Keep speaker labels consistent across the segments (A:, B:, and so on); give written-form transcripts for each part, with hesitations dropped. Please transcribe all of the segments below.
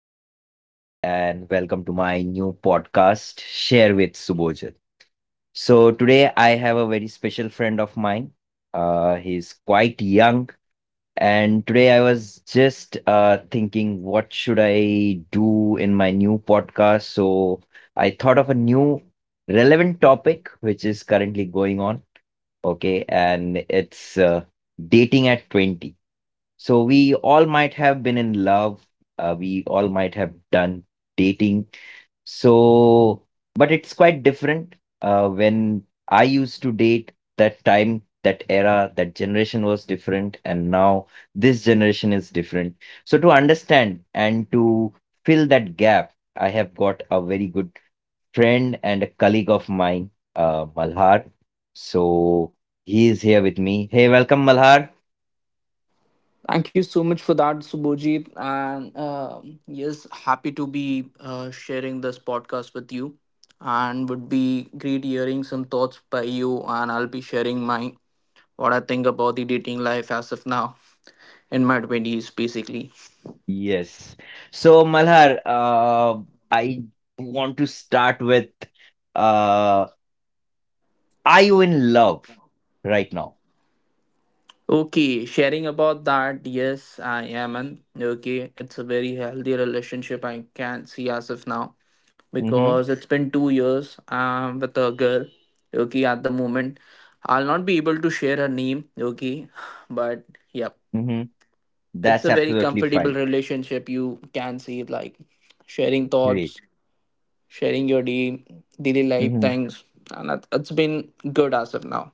A: Subojit, and welcome to my new podcast, Share with Subojit. So, today I have a very special friend of mine. He's quite young, and today I was just thinking, what should I do in my new podcast? So, I thought of a new relevant topic which is currently going on. Okay, and it's dating at 20. So we all might have been in love, we all might have done dating. So, but it's quite different. When I used to date, that time, that era, that generation was different, and now this generation is different. So, to understand and to fill that gap, I have got a very good friend and a colleague of mine, Malhar. So, he is here with me. Hey, welcome, Malhar.
B: Thank you so much for that, Subhojit. And yes, happy to be sharing this podcast with you. And would be great hearing some thoughts by you. And I'll be sharing my what I think about the dating life as of now in my 20s, basically.
A: Yes. So Malhar, I want to start with uh, are you in love right now?
B: Okay, sharing about that, yes, I am an okay. It's a very healthy relationship, I can see as of now,
A: Mm-hmm.
B: because it's been 2 years with a girl. Okay, at the moment, I'll not be able to share her name. Okay, but yeah,
A: Mm-hmm.
B: it's
A: That's
B: a very
A: absolutely fine.
B: comfortable relationship. You can see it like sharing
A: Great.
B: thoughts, sharing your day, daily life
A: Mm-hmm.
B: things, and that it's been good as of now.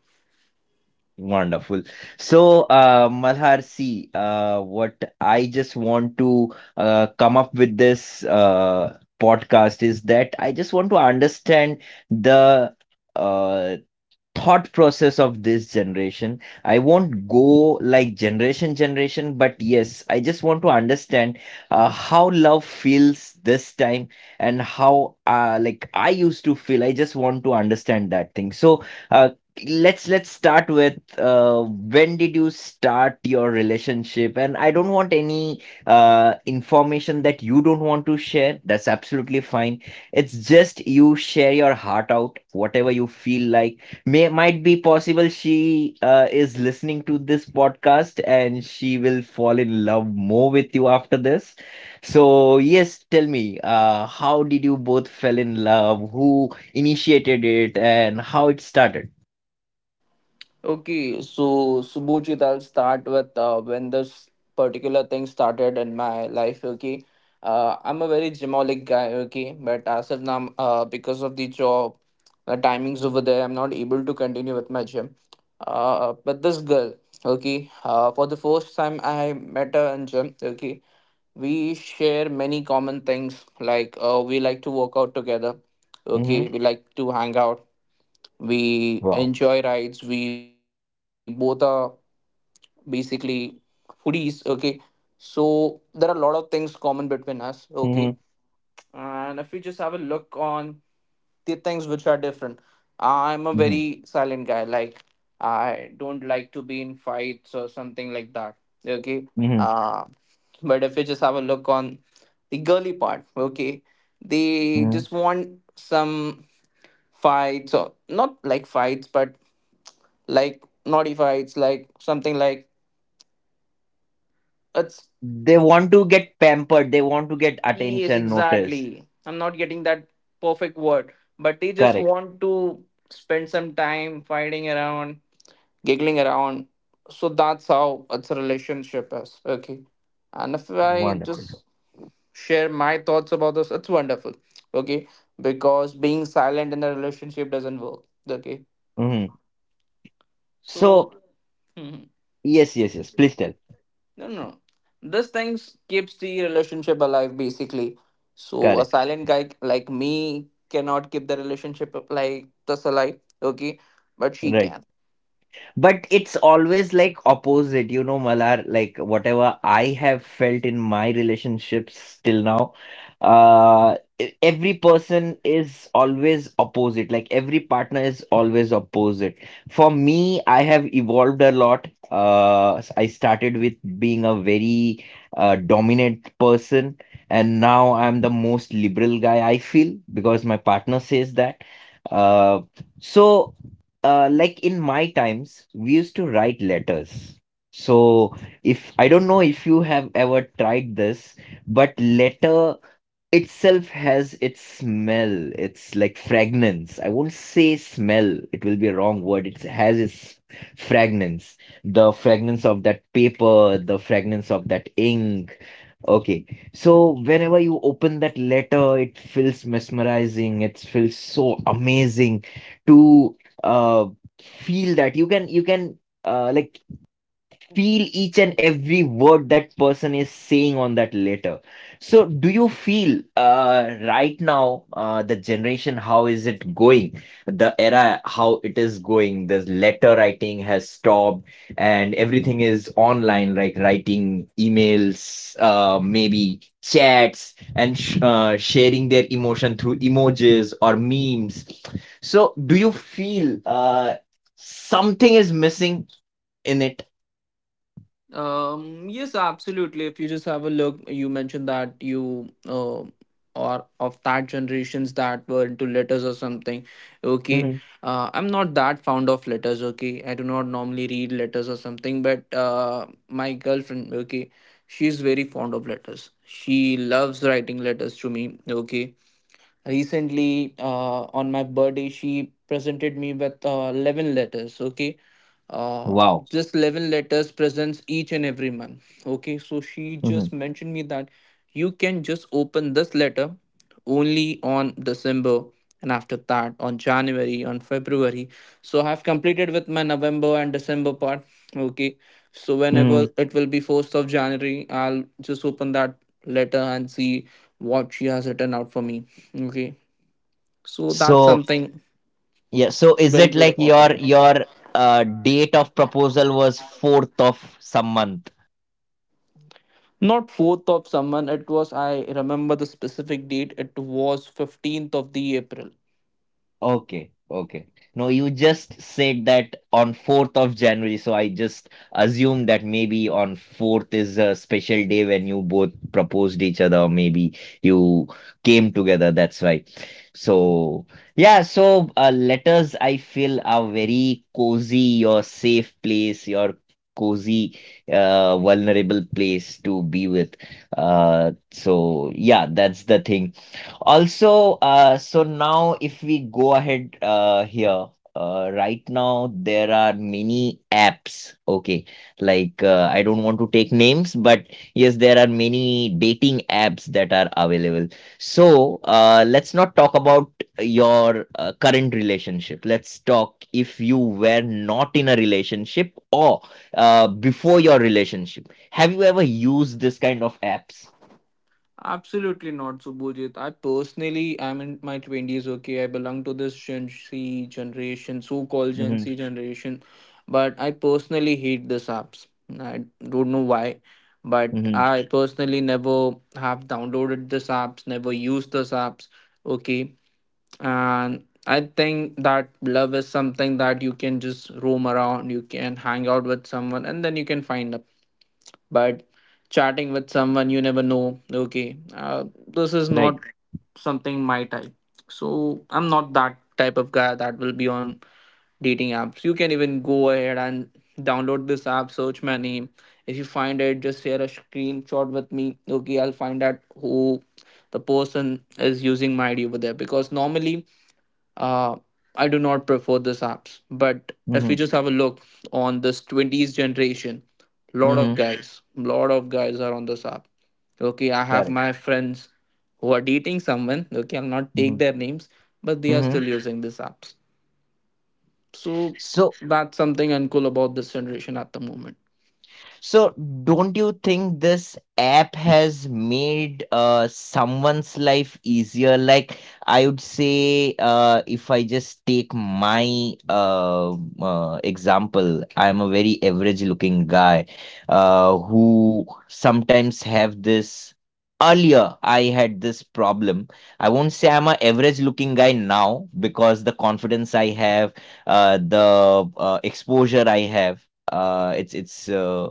A: Wonderful. So, Malhar, see, what I just want to come up with this podcast is that I just want to understand the uh, thought process of this generation. I won't go like generation generation, but yes, I just want to understand how love feels this time, and how like I used to feel. I just want to understand that thing. So, uh, let's start with uh, when did you start your relationship, and I don't want any information that you don't want to share. That's absolutely fine. It's just, you share your heart out, whatever you feel like. May might be possible she is listening to this podcast and she will fall in love more with you after this. So yes, tell me, how did you both fell in love? Who initiated it and how it started?
B: Okay, so Subhojit, I'll start with when this particular thing started in my life. Okay, I'm a very gymaholic guy. Okay, but as of now, because of the job, the timings over there, I'm not able to continue with my gym. But this girl, okay, for the first time I met her in gym. Okay, we share many common things, like we like to work out together. Okay,
A: Hmm.
B: we like to hang out. We
A: Wow.
B: enjoy rides. We both are basically foodies. Okay, so there are a lot of things common between us. Okay,
A: Hmm.
B: and if we just have a look on the things which are different, I'm a
A: Hmm.
B: very silent guy, like I don't like to be in fights or something like that. Okay.
A: Hmm.
B: uh but if we just have a look on the girly part, okay, they
A: Hmm.
B: just want some fights, or not like fights, but like naughty fights, like something like it's...
A: They want to get pampered. They want to get
B: Yes,
A: attention, notice.
B: exactly. I'm not getting that perfect word, but they just
A: Correct.
B: want to spend some time fighting around, giggling around. So that's how it's a relationship is. Okay. And if I
A: Wonderful.
B: just share my thoughts about this, it's wonderful. Okay. Because being silent in a relationship doesn't work. Okay.
A: Hmm.
B: So
A: So,
B: No,
A: yes, yes, yes. Please tell.
B: no. no. This thing keeps the relationship alive, basically. So a
A: Correct.
B: silent guy like me cannot keep the relationship like this alive, okay? But she
A: Right.
B: can.
A: But it's always like opposite, you know, Malar, like whatever I have felt in my relationships till now, every person is always opposite. Like every partner is always opposite. For me, I have evolved a lot. I started with being a very dominant person, and now I'm the most liberal guy I feel, because my partner says that. Uh, so like in my times, we used to write letters. So if I don't know if you have ever tried this, but letter itself has its smell. It's like fragrance. I won't say smell, it will be a wrong word. It has its fragrance. The fragrance of that paper, the fragrance of that ink. Okay, so whenever you open that letter, it feels mesmerizing. It feels so amazing to uh, feel that you can like feel each and every word that person is saying on that letter. So, do you feel right now the generation, how is it going? The era, how it is going? The letter writing has stopped and everything is online, like writing emails, maybe chats, and sh sharing their emotion through emojis or memes. So, do you feel something is missing in it?
B: Yes, absolutely. If you just have a look, you mentioned that you are of that generations that were into letters or something. Okay, I'm not that fond of letters. Okay, I do not normally read letters or something, but my girlfriend, okay, she's very fond of letters. She loves writing letters to me. Okay, recently, on my birthday, she presented me with 11 letters. Okay. Uh,
A: Wow.
B: just 11 letters presents each and every month. Okay. So she
A: Mhm.
B: just mentioned me that you can just open this letter only on December, and after that on January, on February. So I have completed with my November and December part. Okay. So
A: Mm.
B: whenever it will be 1st of January, I'll just open that letter and see what she has written out for me. Okay, so that's
A: So
B: something
A: yeah, so is
B: very
A: it
B: good
A: like
B: about
A: your
B: that.
A: your date of proposal was fourth of some month?
B: Not fourth of someone. It was... I remember the specific date. It was 15th of the April.
A: Okay, okay. No, you just said that on 4th of January, so I just assumed that maybe on 4th is a special day when you both proposed each other, or maybe you came together. That's why. So, yeah, so letters I feel are very cozy, your safe place, your cozy, vulnerable place to be with. So yeah, that's the thing also. So now if we go ahead here, right now there are many apps. Okay, like I don't want to take names, but yes, there are many dating apps that are available. So, let's not talk about your current relationship. Let's talk if you were not in a relationship, or before your relationship. Have you ever used this kind of apps?
B: Absolutely not, Subhujit. I personally, I'm in my twenties. Okay, I belong to this Gen Z generation, so-called Gen
A: Mm-hmm.
B: Z generation, but I personally hate these apps. I don't know why, but
A: Mm-hmm.
B: I personally never have downloaded these apps, never used these apps. Okay, and I think that love is something that you can just roam around, you can hang out with someone, and then you can find up. But chatting with someone, you never know, okay, this is
A: Right.
B: not something my type. So I'm not that type of guy that will be on dating apps. You can even go ahead and download this app, search my name. If you find it, just share a screenshot with me. Okay, I'll find out who the person is using my ID over there because normally uh, I do not prefer these apps. But if
A: Mm-hmm.
B: we just have a look on this 20s generation,
A: Mm-hmm.
B: lot of guys are on this app. Okay, I have
A: Correct.
B: my friends who are dating someone. Okay, I'll not take
A: Mhm.
B: their names, but they are
A: Mhm.
B: still using these apps. So
A: So,
B: that's something uncool about this generation at the moment.
A: So, don't you think this app has made someone's life easier? Like, I would say, if I just take my example, I'm a very average-looking guy who sometimes have this. Earlier, I had this problem. I won't say I'm a average-looking guy now, because the confidence I have, the exposure I have it's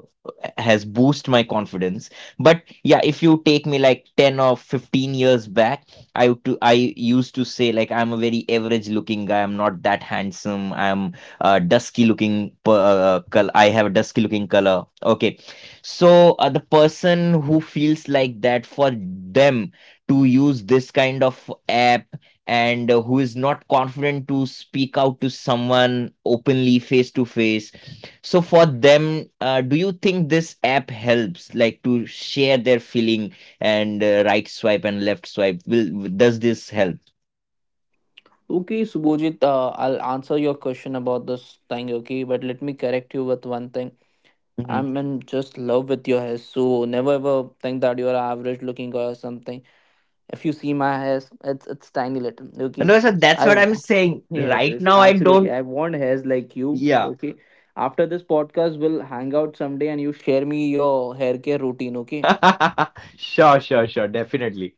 A: has boosted my confidence. But yeah, if you take me like 10 or 15 years back, I used to say like I'm a very average looking guy, I'm not that handsome. I have a dusky looking color. Okay, so the person who feels like that, for them to use this kind of app, and who is not confident to speak out to someone openly, face to face, so for them, do you think this app helps, like to share their feeling, and right swipe and left swipe? Does this help?
B: Okay, Subhojit, I'll answer your question about this thing, okay? But let me correct you with one thing.
A: Mhm.
B: I'm in just love with your hair. So never ever think that you're average looking or something. If you see my hairs, it's tiny little. Okay.
A: No, sir, that's
B: I
A: what I'm
B: w-
A: saying.
B: yes,
A: Right
B: yes,
A: now, I
B: absolutely.
A: don't.
B: I want hairs like you.
A: Yeah.
B: Okay. After this podcast, we'll hang out someday and you share me your hair care routine. Okay.
A: Sure, sure, sure. Definitely.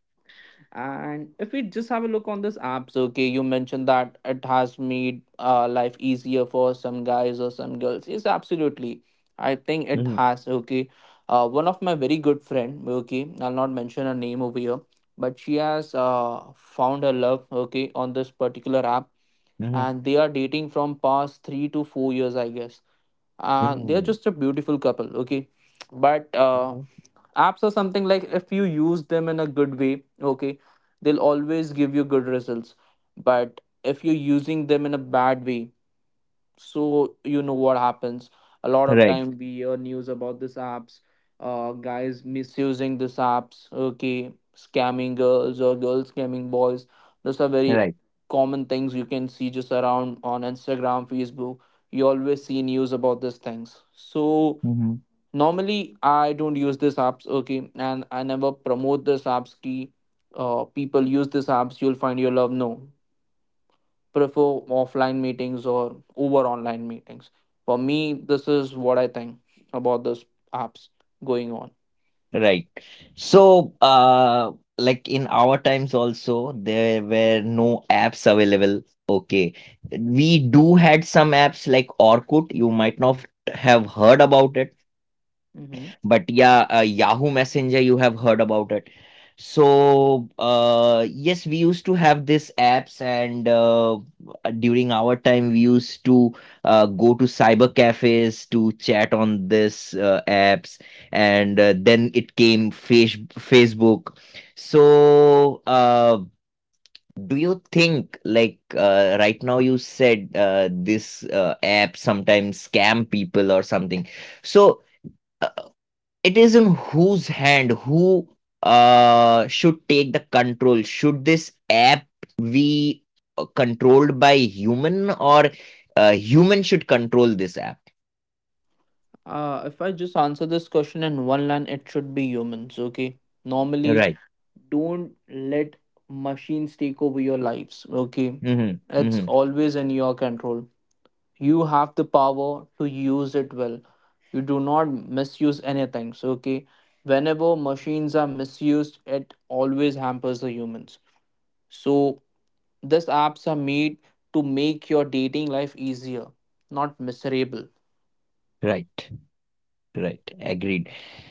B: And if we just have a look on this apps, okay, you mentioned that it has made life easier for some guys or some girls. Yes, absolutely. I think it
A: Mhm,
B: has. Okay, one of my very good friend. Okay, I'll not mention her name over here, but she has found her love. Okay, on this particular app,
A: mhm,
B: and they are dating from past 3 to 4 years, I guess. And they are
A: mhm,
B: just a beautiful couple. Okay, but
A: mhm.
B: apps are something like, if you use them in a good way, okay, they'll always give you good results. But if you're using them in a bad way, so you know what happens, a lot of
A: Right,
B: time we hear news about these apps, guys misusing these apps, okay, scamming girls or girls scamming boys. Those are very
A: right.
B: common things, you can see just around on Instagram, Facebook. You always see news about these things. So
A: Mm-hmm.
B: normally I don't use these apps. Okay, and I never promote this apps key people use these apps, you'll find your love. No, prefer offline meetings or over online meetings. For me, this is what I think about this apps going on.
A: Right. So, like in our times also, there were no apps available. Okay. We do had some apps like Orkut. You might not have heard about it.
B: Mm-hmm.
A: But yeah, Yahoo Messenger, you have heard about it. So, yes, we used to have these apps, and during our time, we used to go to cyber cafes to chat on this apps, and then it came Facebook. So, do you think, like right now, you said this app sometimes scam people or something? So, it is in whose hand, who should take the control? Should this app be controlled by human, or human should control this app?
B: If I just answer this question in one line, it should be humans, okay? Normally,
A: Right.
B: don't let machines take over your lives, okay?
A: Mm-hmm,
B: It's
A: mm-hmm.
B: always in your control. You have the power to use it well, you do not misuse anything. So okay, whenever machines are misused, it always hampers the humans. So these apps are made to make your dating life easier, not miserable.
A: Right. Right. Agreed.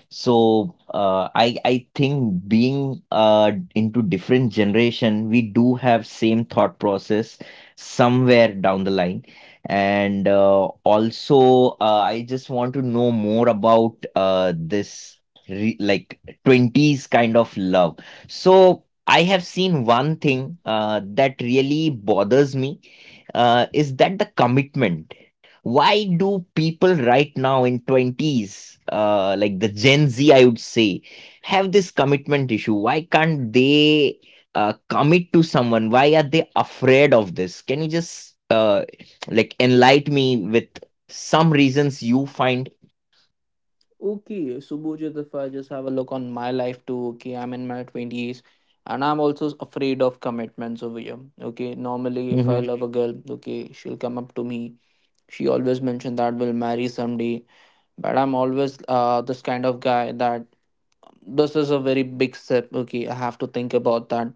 A: So, I think being into different generation, we do have same thought process somewhere down the line. And also, I just want to know more about this re like 20s kind of love. So I have seen one thing that really bothers me, is that the commitment. Why do people right now in 20s, like the Gen Z I would say, have this commitment issue? Why can't they commit to someone? Why are they afraid of this? Can you just like enlighten me with some reasons you find?
B: Okay, so if I just have a look on my life too, okay, I'm in my 20s, and I'm also afraid of commitments over here. Okay, normally if I
A: Mm-hmm.
B: love a girl, okay, she'll come up to me, she always mentioned that we'll marry someday. But I'm always this kind of guy that this is a very big step. Okay, I have to think about that.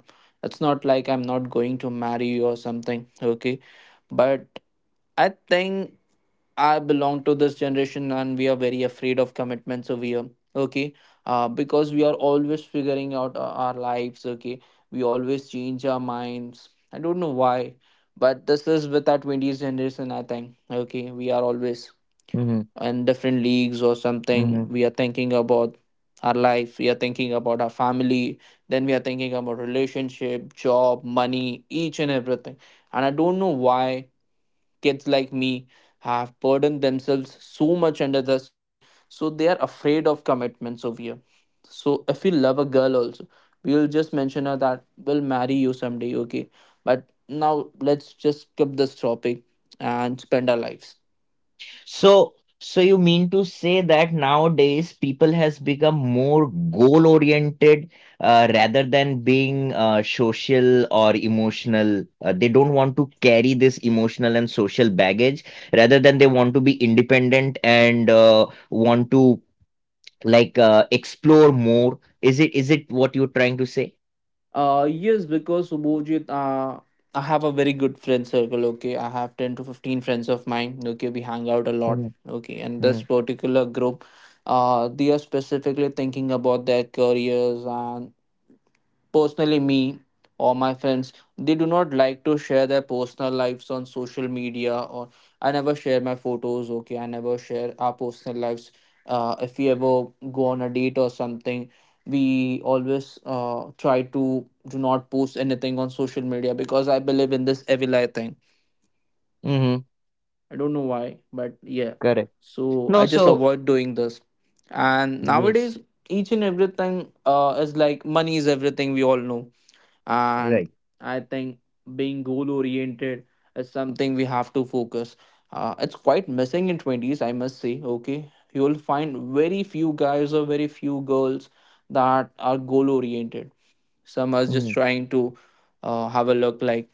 B: It's not like I'm not going to marry you or something. Okay, but I think I belong to this generation and we are very afraid of commitments over here. Okay, because we are always figuring out our lives. Okay, we always change our minds. I don't know why, but this is with our 20s generation, I think. Okay, we are always in different leagues or something.
A: Mm-hmm.
B: We are thinking about our life, we are thinking about our family, then we are thinking about relationship, job, money, each and everything. And I don't know why kids like me have burdened themselves so much under this. Okay, so they are afraid of commitments over here. So if we love a girl also, we'll just mention her that we'll marry you someday. Okay, but now let's just skip this topic and spend our lives.
A: So you mean to say that nowadays people has become more goal oriented rather than being social or emotional. They don't want to carry this emotional and social baggage. Rather than, they want to be independent and want to like explore more. Is it what you're trying to say?
B: Yes, because Subhojit, I have a very good friend circle. Okay, I have 10 to 15 friends of mine. Okay, we hang out a lot.
A: Hmm.
B: Okay, and
A: Hmm.
B: this particular group, they are specifically thinking about their careers. And personally, me or my friends, they do not like to share their personal lives on social media. Or I never share my photos. Okay, I never share our personal lives. If we ever go on a date or something, we always try to do not post anything on social media because I believe in this Evili thing.
A: Hmm.
B: I don't know why, but yeah.
A: Correct.
B: So
A: No,
B: I just
A: so
B: avoid doing this. And
A: yes,
B: nowadays, each and everything is like money is everything, we all know, and
A: right.
B: I think being goal oriented is something we have to focus. It's quite missing in 20s, I must say. Okay, you will find very few guys or very few girls that are goal oriented. Some are just
A: Hmm.
B: trying to have a look, like,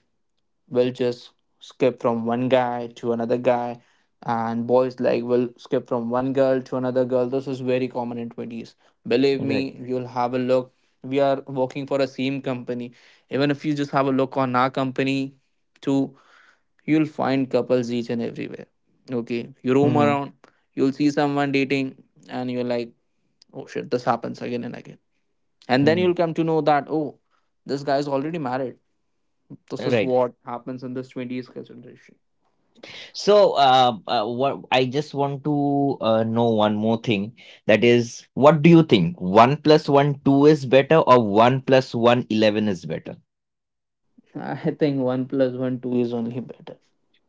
B: will just skip from one guy to another guy, and boys like will skip from one girl to another girl. This is very common in 20s, believe
A: Right.
B: me, you'll have a look. We are working for a same company. Even if you just have a look on our company too, you'll find couples each and everywhere. Okay, you roam
A: Hmm.
B: around, you'll see someone dating, and you're like, oh shit, this happens again and again. And then
A: Hmm.
B: you'll come to know that, oh, this guy is already married. This is what happens in this 20s generation.
A: So, what I just want to know one more thing. That is, what do you think? One plus one two is better, or one plus one eleven is better?
B: I think one plus one two is only better.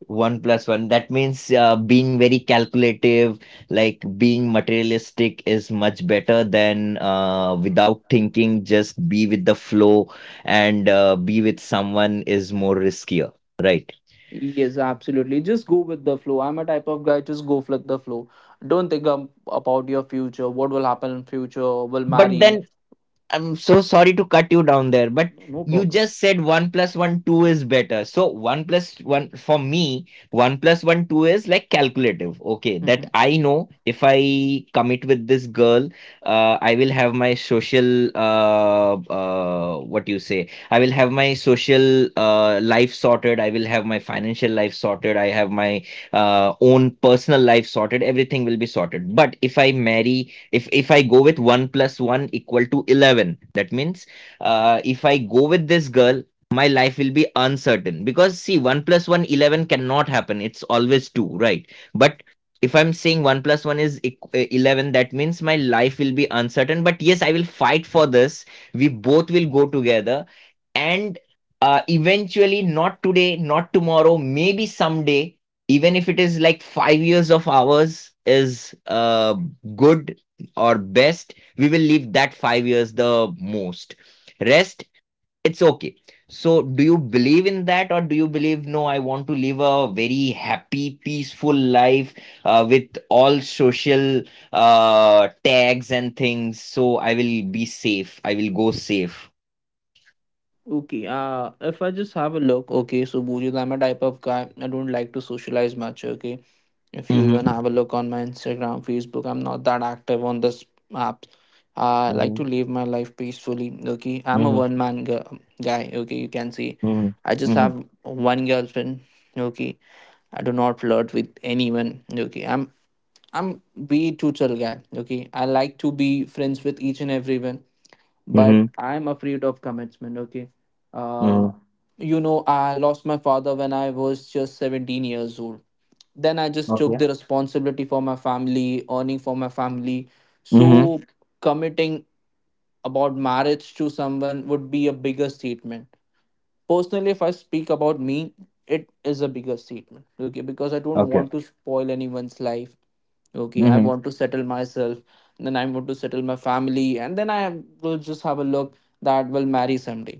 A: One plus one. That means being very calculative, like being materialistic, is much better than without thinking. Just be with the flow, and be with someone is more riskier, right?
B: Yes, absolutely. Just go with the flow. I'm a type of guy, just go with the flow. Don't think about your future, what will happen in future, will
A: But
B: marry.
A: then, I'm so sorry to cut you down there, but
B: No, no
A: you
B: problem.
A: just said one plus one two is better. So one plus one for me, one plus one two is like calculative. Okay, that
B: Mm-hmm.
A: I know if I commit with this girl, I will have my social what you say? I will have my social life sorted. I will have my financial life sorted. I have my own personal life sorted. Everything will be sorted. But if I marry, if I go with 1 plus 1 equal to 11, that means, if I go with this girl, my life will be uncertain. Because see, 1 plus one eleven cannot happen, it's always 2, right? But if I'm saying 1 plus 1 is 11, that means my life will be uncertain. But yes, I will fight for this. We both will go together, and eventually, not today, not tomorrow, maybe someday. Even if it is like 5 years of ours is uh, good or best, we will leave that 5 years the most, rest it's okay. So, do you believe in that, or do you believe, no, I want to live a very happy peaceful life with all social tags and things, so I will be safe, I will go safe.
B: Okay, if I just have a look, okay, so Bujit, I'm a type of guy. I don't like to socialize much, okay. If you even
A: Mm-hmm.
B: have a look on my Instagram, Facebook, I'm not that active on this app. I like
A: Mm-hmm.
B: to live my life peacefully, okay. I'm a guy, okay, you can see.
A: Mm-hmm.
B: I just
A: Mm-hmm.
B: have one girlfriend, okay. I do not flirt with anyone, okay. I'm way too chill guy, okay. I like to be friends with each and everyone, but
A: Mm-hmm.
B: I'm afraid of commitment. Okay,
A: Mm-hmm.
B: uh, you know, I lost my father when I was just 17 years old. Then I just took
A: Okay.
B: the responsibility for my family, earning for my family.
A: Mm-hmm.
B: So committing about marriage to someone would be a bigger statement. Personally, if I speak about me, it is a bigger statement. Okay, because I don't
A: Okay.
B: want to spoil anyone's life. Okay, I
A: Mm-hmm.
B: want to settle myself, then I want to settle my family, and then I will just have a look that will marry someday.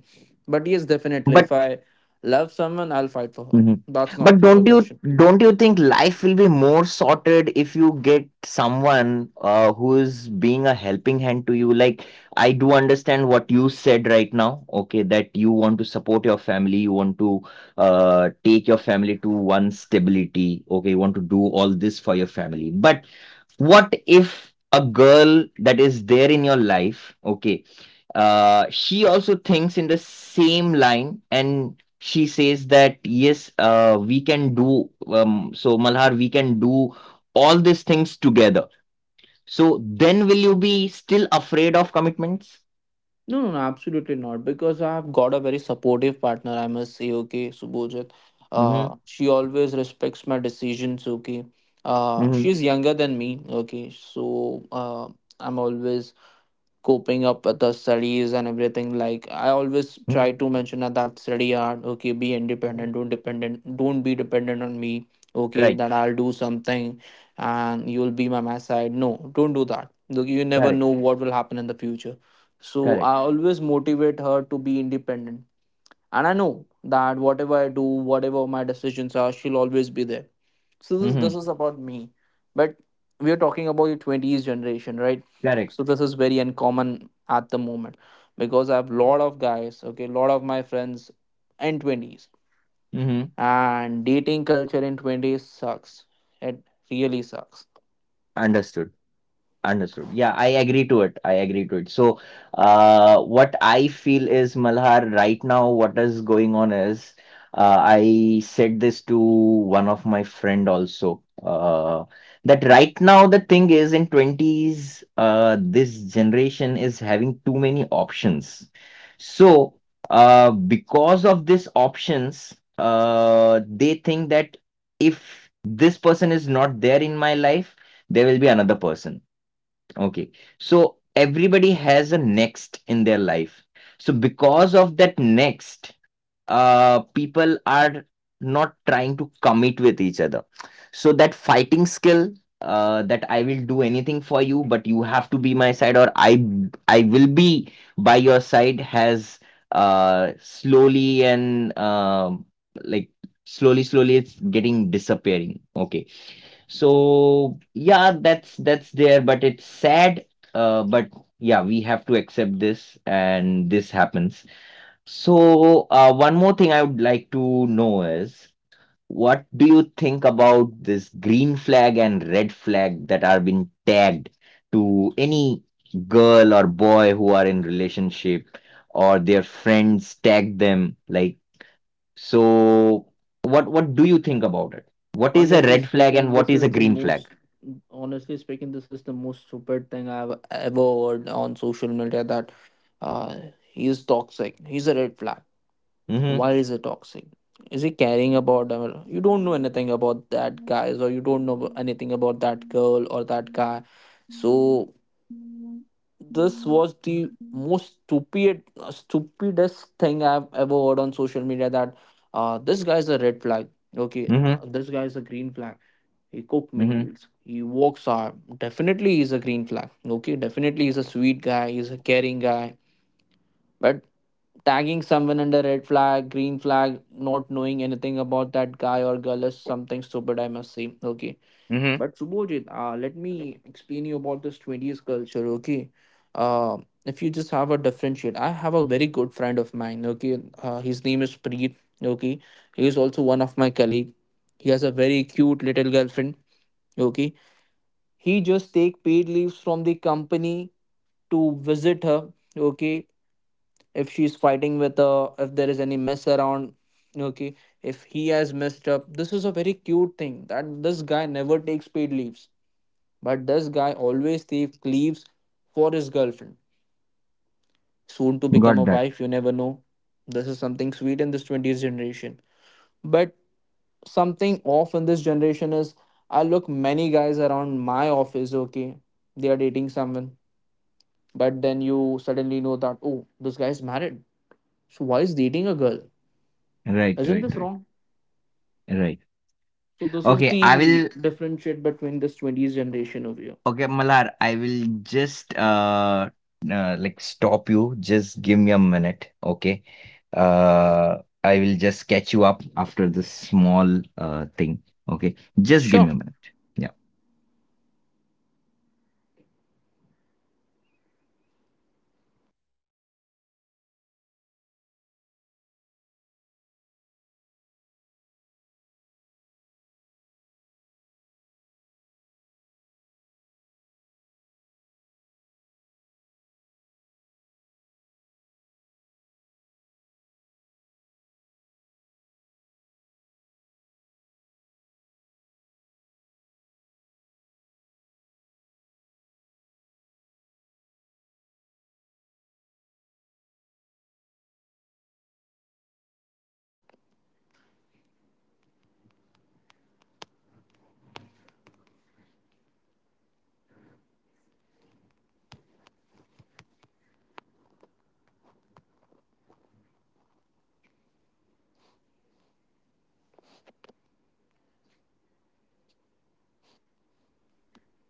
B: But yes, definitely, if I love someone, I'll fight for her.
A: Mhm.
B: That's not
A: But
B: a
A: don't you
B: question.
A: don't you think life will be more sorted if you get someone who is being a helping hand to you? Like, I do understand what you said right now, okay, that you want to support your family, you want to take your family to one stability, okay, you want to do all this for your family. But what if a girl that is there in your life, okay, she also thinks in the same line, and she says that, yes, we can do, so Malhar, we can do all these things together? So then will you be still afraid of commitments?
B: No, No, absolutely not, because I've got a very supportive partner, I must say. Okay, Subhojit,
A: Mm-hmm.
B: uh, she always respects my decisions. Okay, uh,
A: Mm-hmm.
B: she's younger than me. Okay, so I'm always coping up with the studies and everything, like I always try to
A: Mm-hmm.
B: mention that study hard, okay, be independent, don't be dependent on me. Okay,
A: Right.
B: that I'll do something and you'll be by my side. No, don't do that. Look, you never
A: Correct.
B: know what will happen in the future. So
A: Correct.
B: I always motivate her to be independent, and I know that whatever I do, whatever my decisions are, she'll always be there. So this,
A: Mm-hmm.
B: this is about me. But we are talking about the 20s generation, right?
A: Correct.
B: So this is very uncommon at the moment, because I have lot of guys, okay, lot of my friends in 20s,
A: Mm-hmm.
B: and dating culture in 20s sucks. It really sucks.
A: Understood. Understood. Yeah, I agree to it. I agree to it. So, what I feel is, Malhar, right now what is going on is, I said this to one of my friend also, that right now the thing is, in 20s, this generation is having too many options. So, because of these options, they think that if this person is not there in my life, there will be another person. Okay. So everybody has a next in their life. So because of that next, people are not trying to commit with each other. So that fighting skill, that I will do anything for you, but you have to be my side, or I will be by your side, has slowly, and like slowly, slowly, it's getting disappearing. Okay, so yeah, that's there, but it's sad. But yeah, we have to accept this, and this happens. So one more thing I would like to know is, what do you think about this green flag and red flag that are being tagged to any girl or boy who are in relationship, or their friends tag them, like, so what do you think about it? What is a
B: honestly
A: red flag and
B: speaking
A: what
B: this
A: is a
B: is the
A: green flag?
B: most Honestly speaking, this is the most stupid thing I've ever heard on social media. That uh, he is toxic, he's a red flag.
A: Mhm.
B: Why is it toxic? Is he caring about them? You don't know anything about that guys, or you don't know anything about that girl or that guy. So this was the most stupid, stupidest thing I've ever heard on social media. That this guy is a red flag. Okay,
A: Mhm,
B: this guy is a green flag. He cook
A: mhm.
B: meals. He works hard. Definitely, he's a green flag. Okay, definitely, he's a sweet guy. He's a caring guy. But tagging someone under red flag, green flag, not knowing anything about that guy or girl is something stupid, I must say. Okay. But Subhojit, let me explain you about this 20s culture. Okay. Uh, if you just have a differentiate, I have a very good friend of mine. Okay. His name is Preet. Okay. He is also one of my colleague. He has a very cute little girlfriend. Okay. He just take paid leaves from the company to visit her. Okay, if she's fighting with if there is any mess around, okay, if he has messed up. This is a very cute thing that this guy never takes paid leaves, but this guy always takes leaves for his girlfriend, soon to become
A: Got
B: a
A: that.
B: wife, you never know. This is something sweet in this 20th generation. But something off in this generation is, I look many guys around my office, okay, they are dating someone, but then you suddenly know that, oh, this guy is married. So why is dating a girl?
A: Right,
B: Isn't
A: right,
B: this
A: right,
B: wrong?
A: right.
B: So this is
A: Okay, I
B: the
A: will.
B: differentiate between this 20s generation over here.
A: Okay, Malar, I will just like stop you. Just give me a minute. Okay. I will just catch you up after this small thing. Okay, just give me
B: Sure.
A: a minute. Yeah.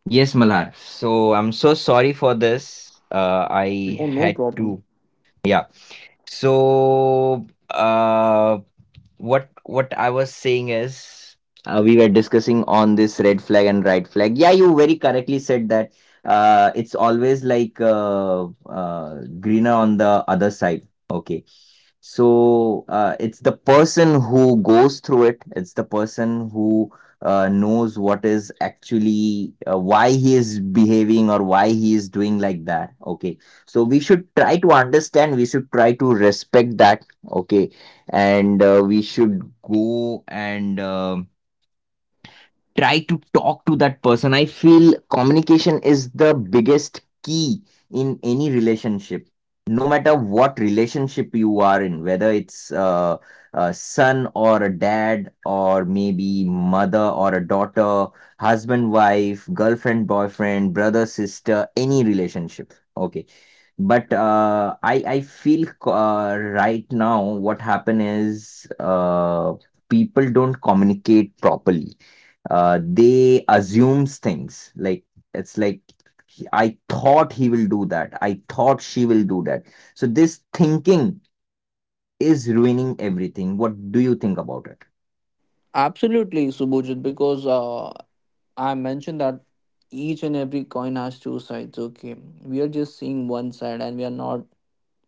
A: Yes, Malar. So I'm so sorry for this. I
B: Oh, no
A: had
B: problem.
A: to. Yeah. So, uh. what I was saying is, we were discussing on this red flag and right flag. Yeah, you very correctly said that it's always like, greener on the other side. Okay. So it's the person who goes through it. It's the person who knows what is actually, why he is behaving or why he is doing like that. Okay. So we should try to understand. We should try to respect that. Okay, and we should go and try to talk to that person. I feel communication is the biggest key in any relationship, no matter what relationship you are in, whether it's a son or a dad, or maybe mother or a daughter, husband, wife, girlfriend, boyfriend, brother, sister, any relationship. Okay, but I feel, right now what happen is, people don't communicate properly. They assumes things, like, it's like I thought he will do that, I thought she will do that. So this thinking is ruining everything. What do you think about it?
B: Absolutely, Subhojit, because I mentioned that each and every coin has two sides. Okay, we are just seeing one side, and we are not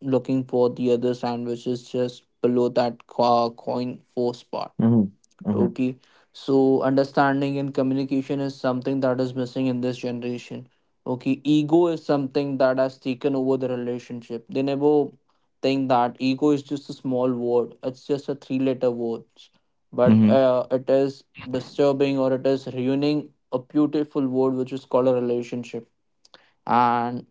B: looking for the other side, which is just below that coin force part.
A: Mm-hmm. Mm-hmm.
B: Okay, so understanding and communication is something that is missing in this generation. Okay, ego is something that has taken over the relationship. They never think that ego is just a small word, it's just a three letter word, but
A: Mm-hmm.
B: it is disturbing, or it is ruining a beautiful word which is called a relationship. And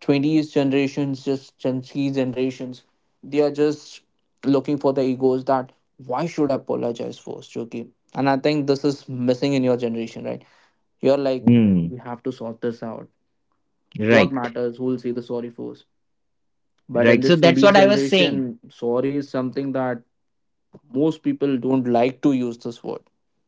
B: 20s generations, just gen z generations, they are just looking for the egos that why should I apologize for Chuki? And I think this is missing in your generation, right? You're like,
A: Mm.
B: we have to sort this out. What
A: Right.
B: matters who will say the sorry first? But in
A: Right. So
B: this
A: that's
B: 20s
A: what I was
B: generation,
A: saying.
B: sorry is something that most people don't like to use this word.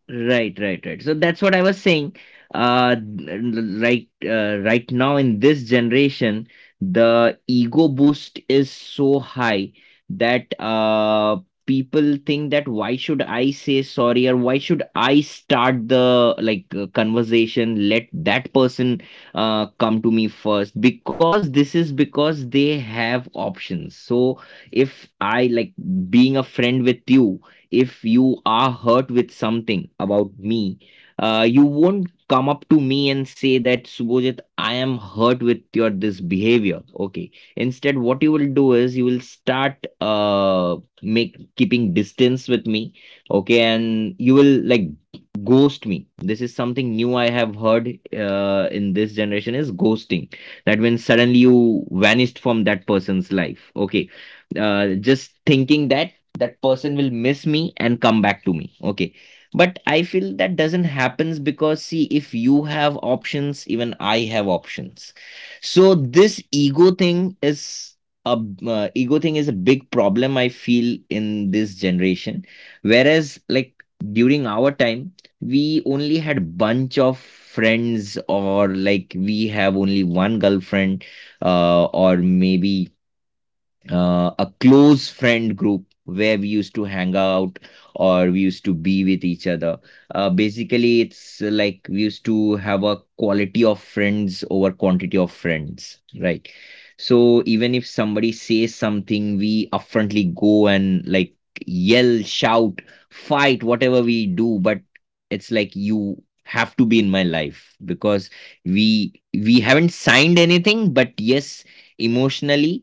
A: Right, right, right. So that's what I was saying. Right now in this generation, the ego boost is so high that people think that why should I say sorry, or why should I start the, like, conversation? Let that person come to me first, because this is because they have options. So if I, like, being a friend with you, if you are hurt with something about me, you won't come up to me and say that Subhojit, I am hurt with your this behavior. Okay. Instead, what you will do is you will start uh make keeping distance with me. Okay, and you will, like, ghost me. This is something new I have heard, in this generation, is ghosting. That, when suddenly you vanished from that person's life. Okay. Just thinking that that person will miss me and come back to me, okay, but I feel that doesn't happens, because see, if you have options, even I have options. So this ego thing is a a big problem I feel in this generation. Whereas, like, during our time, we only had bunch of friends, or like we have only one girlfriend, or maybe a close friend group where we used to hang out or we used to be with each other. Basically, it's like we used to have a quality of friends over quantity of friends, right? So even if somebody says something, we upfrontly go and, like, yell, shout, fight, whatever we do, but it's like you have to be in my life, because we haven't signed anything, but yes, emotionally,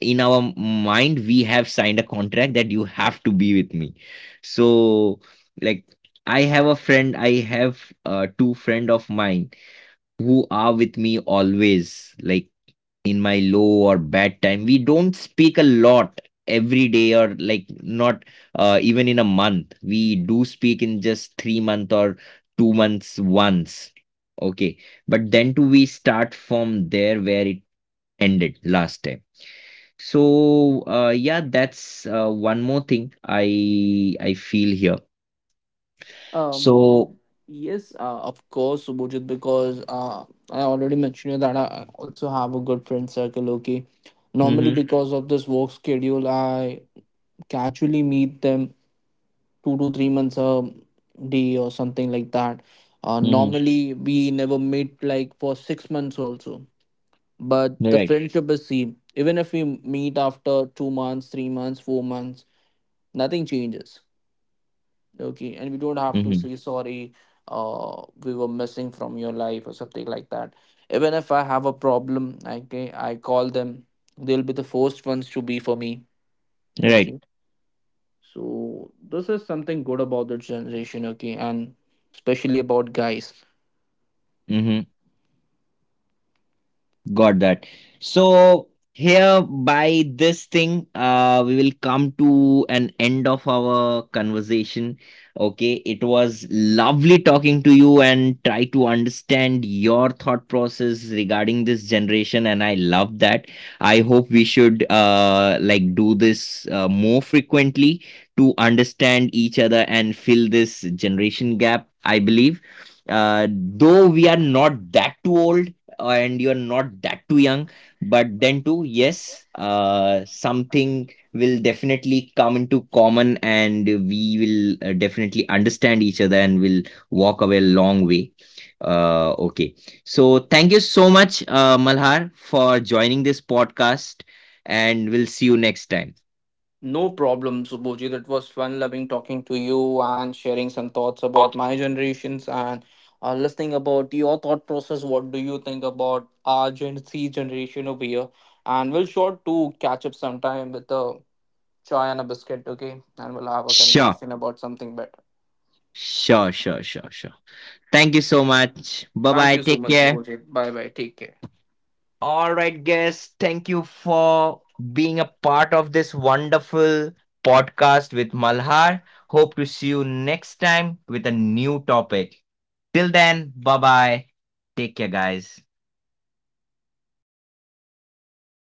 A: in our mind, we have signed a contract that you have to be with me. So, like, I have two friend of mine who are with me always, like, in my low or bad time. We don't speak a lot every day, or like not even in a month. We do speak in just 3 month or 2 months once, okay, but then too we start from there where it ended last time. So, yeah, that's one more thing I feel here. So,
B: Um, yes, of course, Subhojit, because I already mentioned you that I also have a good friend circle. Okay, normally
A: mm-hmm,
B: because of this work schedule, I casually meet them 2 to 3 months a day or something like that.
A: mm-hmm,
B: Normally, we never meet like for 6 months also, but the
A: right,
B: friendship is same. Even if we meet after 2 months, 3 months, 4 months, nothing changes. Okay, and we don't have to
A: mm-hmm,
B: say sorry, uh, we were missing from your life or something like that. Even if I have a problem, I call them, they'll be the first ones to be for me.
A: right,
B: Okay, so this is something good about the generation. Okay, and especially about guys.
A: mm-hmm. Got that. So here, by this thing, we will come to an end of our conversation. Okay, it was lovely talking to you and try to understand your thought process regarding this generation, and I love that. I hope we should like do this more frequently, to understand each other and fill this generation gap, I believe. Though we are not that too old, and you're not that too young, but then too, yes, something will definitely come into common, and we will definitely understand each other and will walk away a long way. Okay. So thank you so much, Malhar, for joining this podcast, and we'll see you next time.
B: No problem, Subhoji. That was fun loving talking to you and sharing some thoughts about my generations and listening about your thought process. What do you think about our Gen Z generation over here? And we'll sure to catch up sometime with a chai and a biscuit, okay? And we'll have a
A: Sure.
B: conversation about something better.
A: Sure, sure, sure, sure. Thank you so much. Bye
B: Thank
A: bye.
B: you so
A: Take
B: much,
A: care.
B: Subhoji. Bye bye. Take care.
A: All right, guys. Thank you for being a part of this wonderful podcast with Malhar. Hope to see you next time with a new topic. Till then, bye bye. Take care, guys.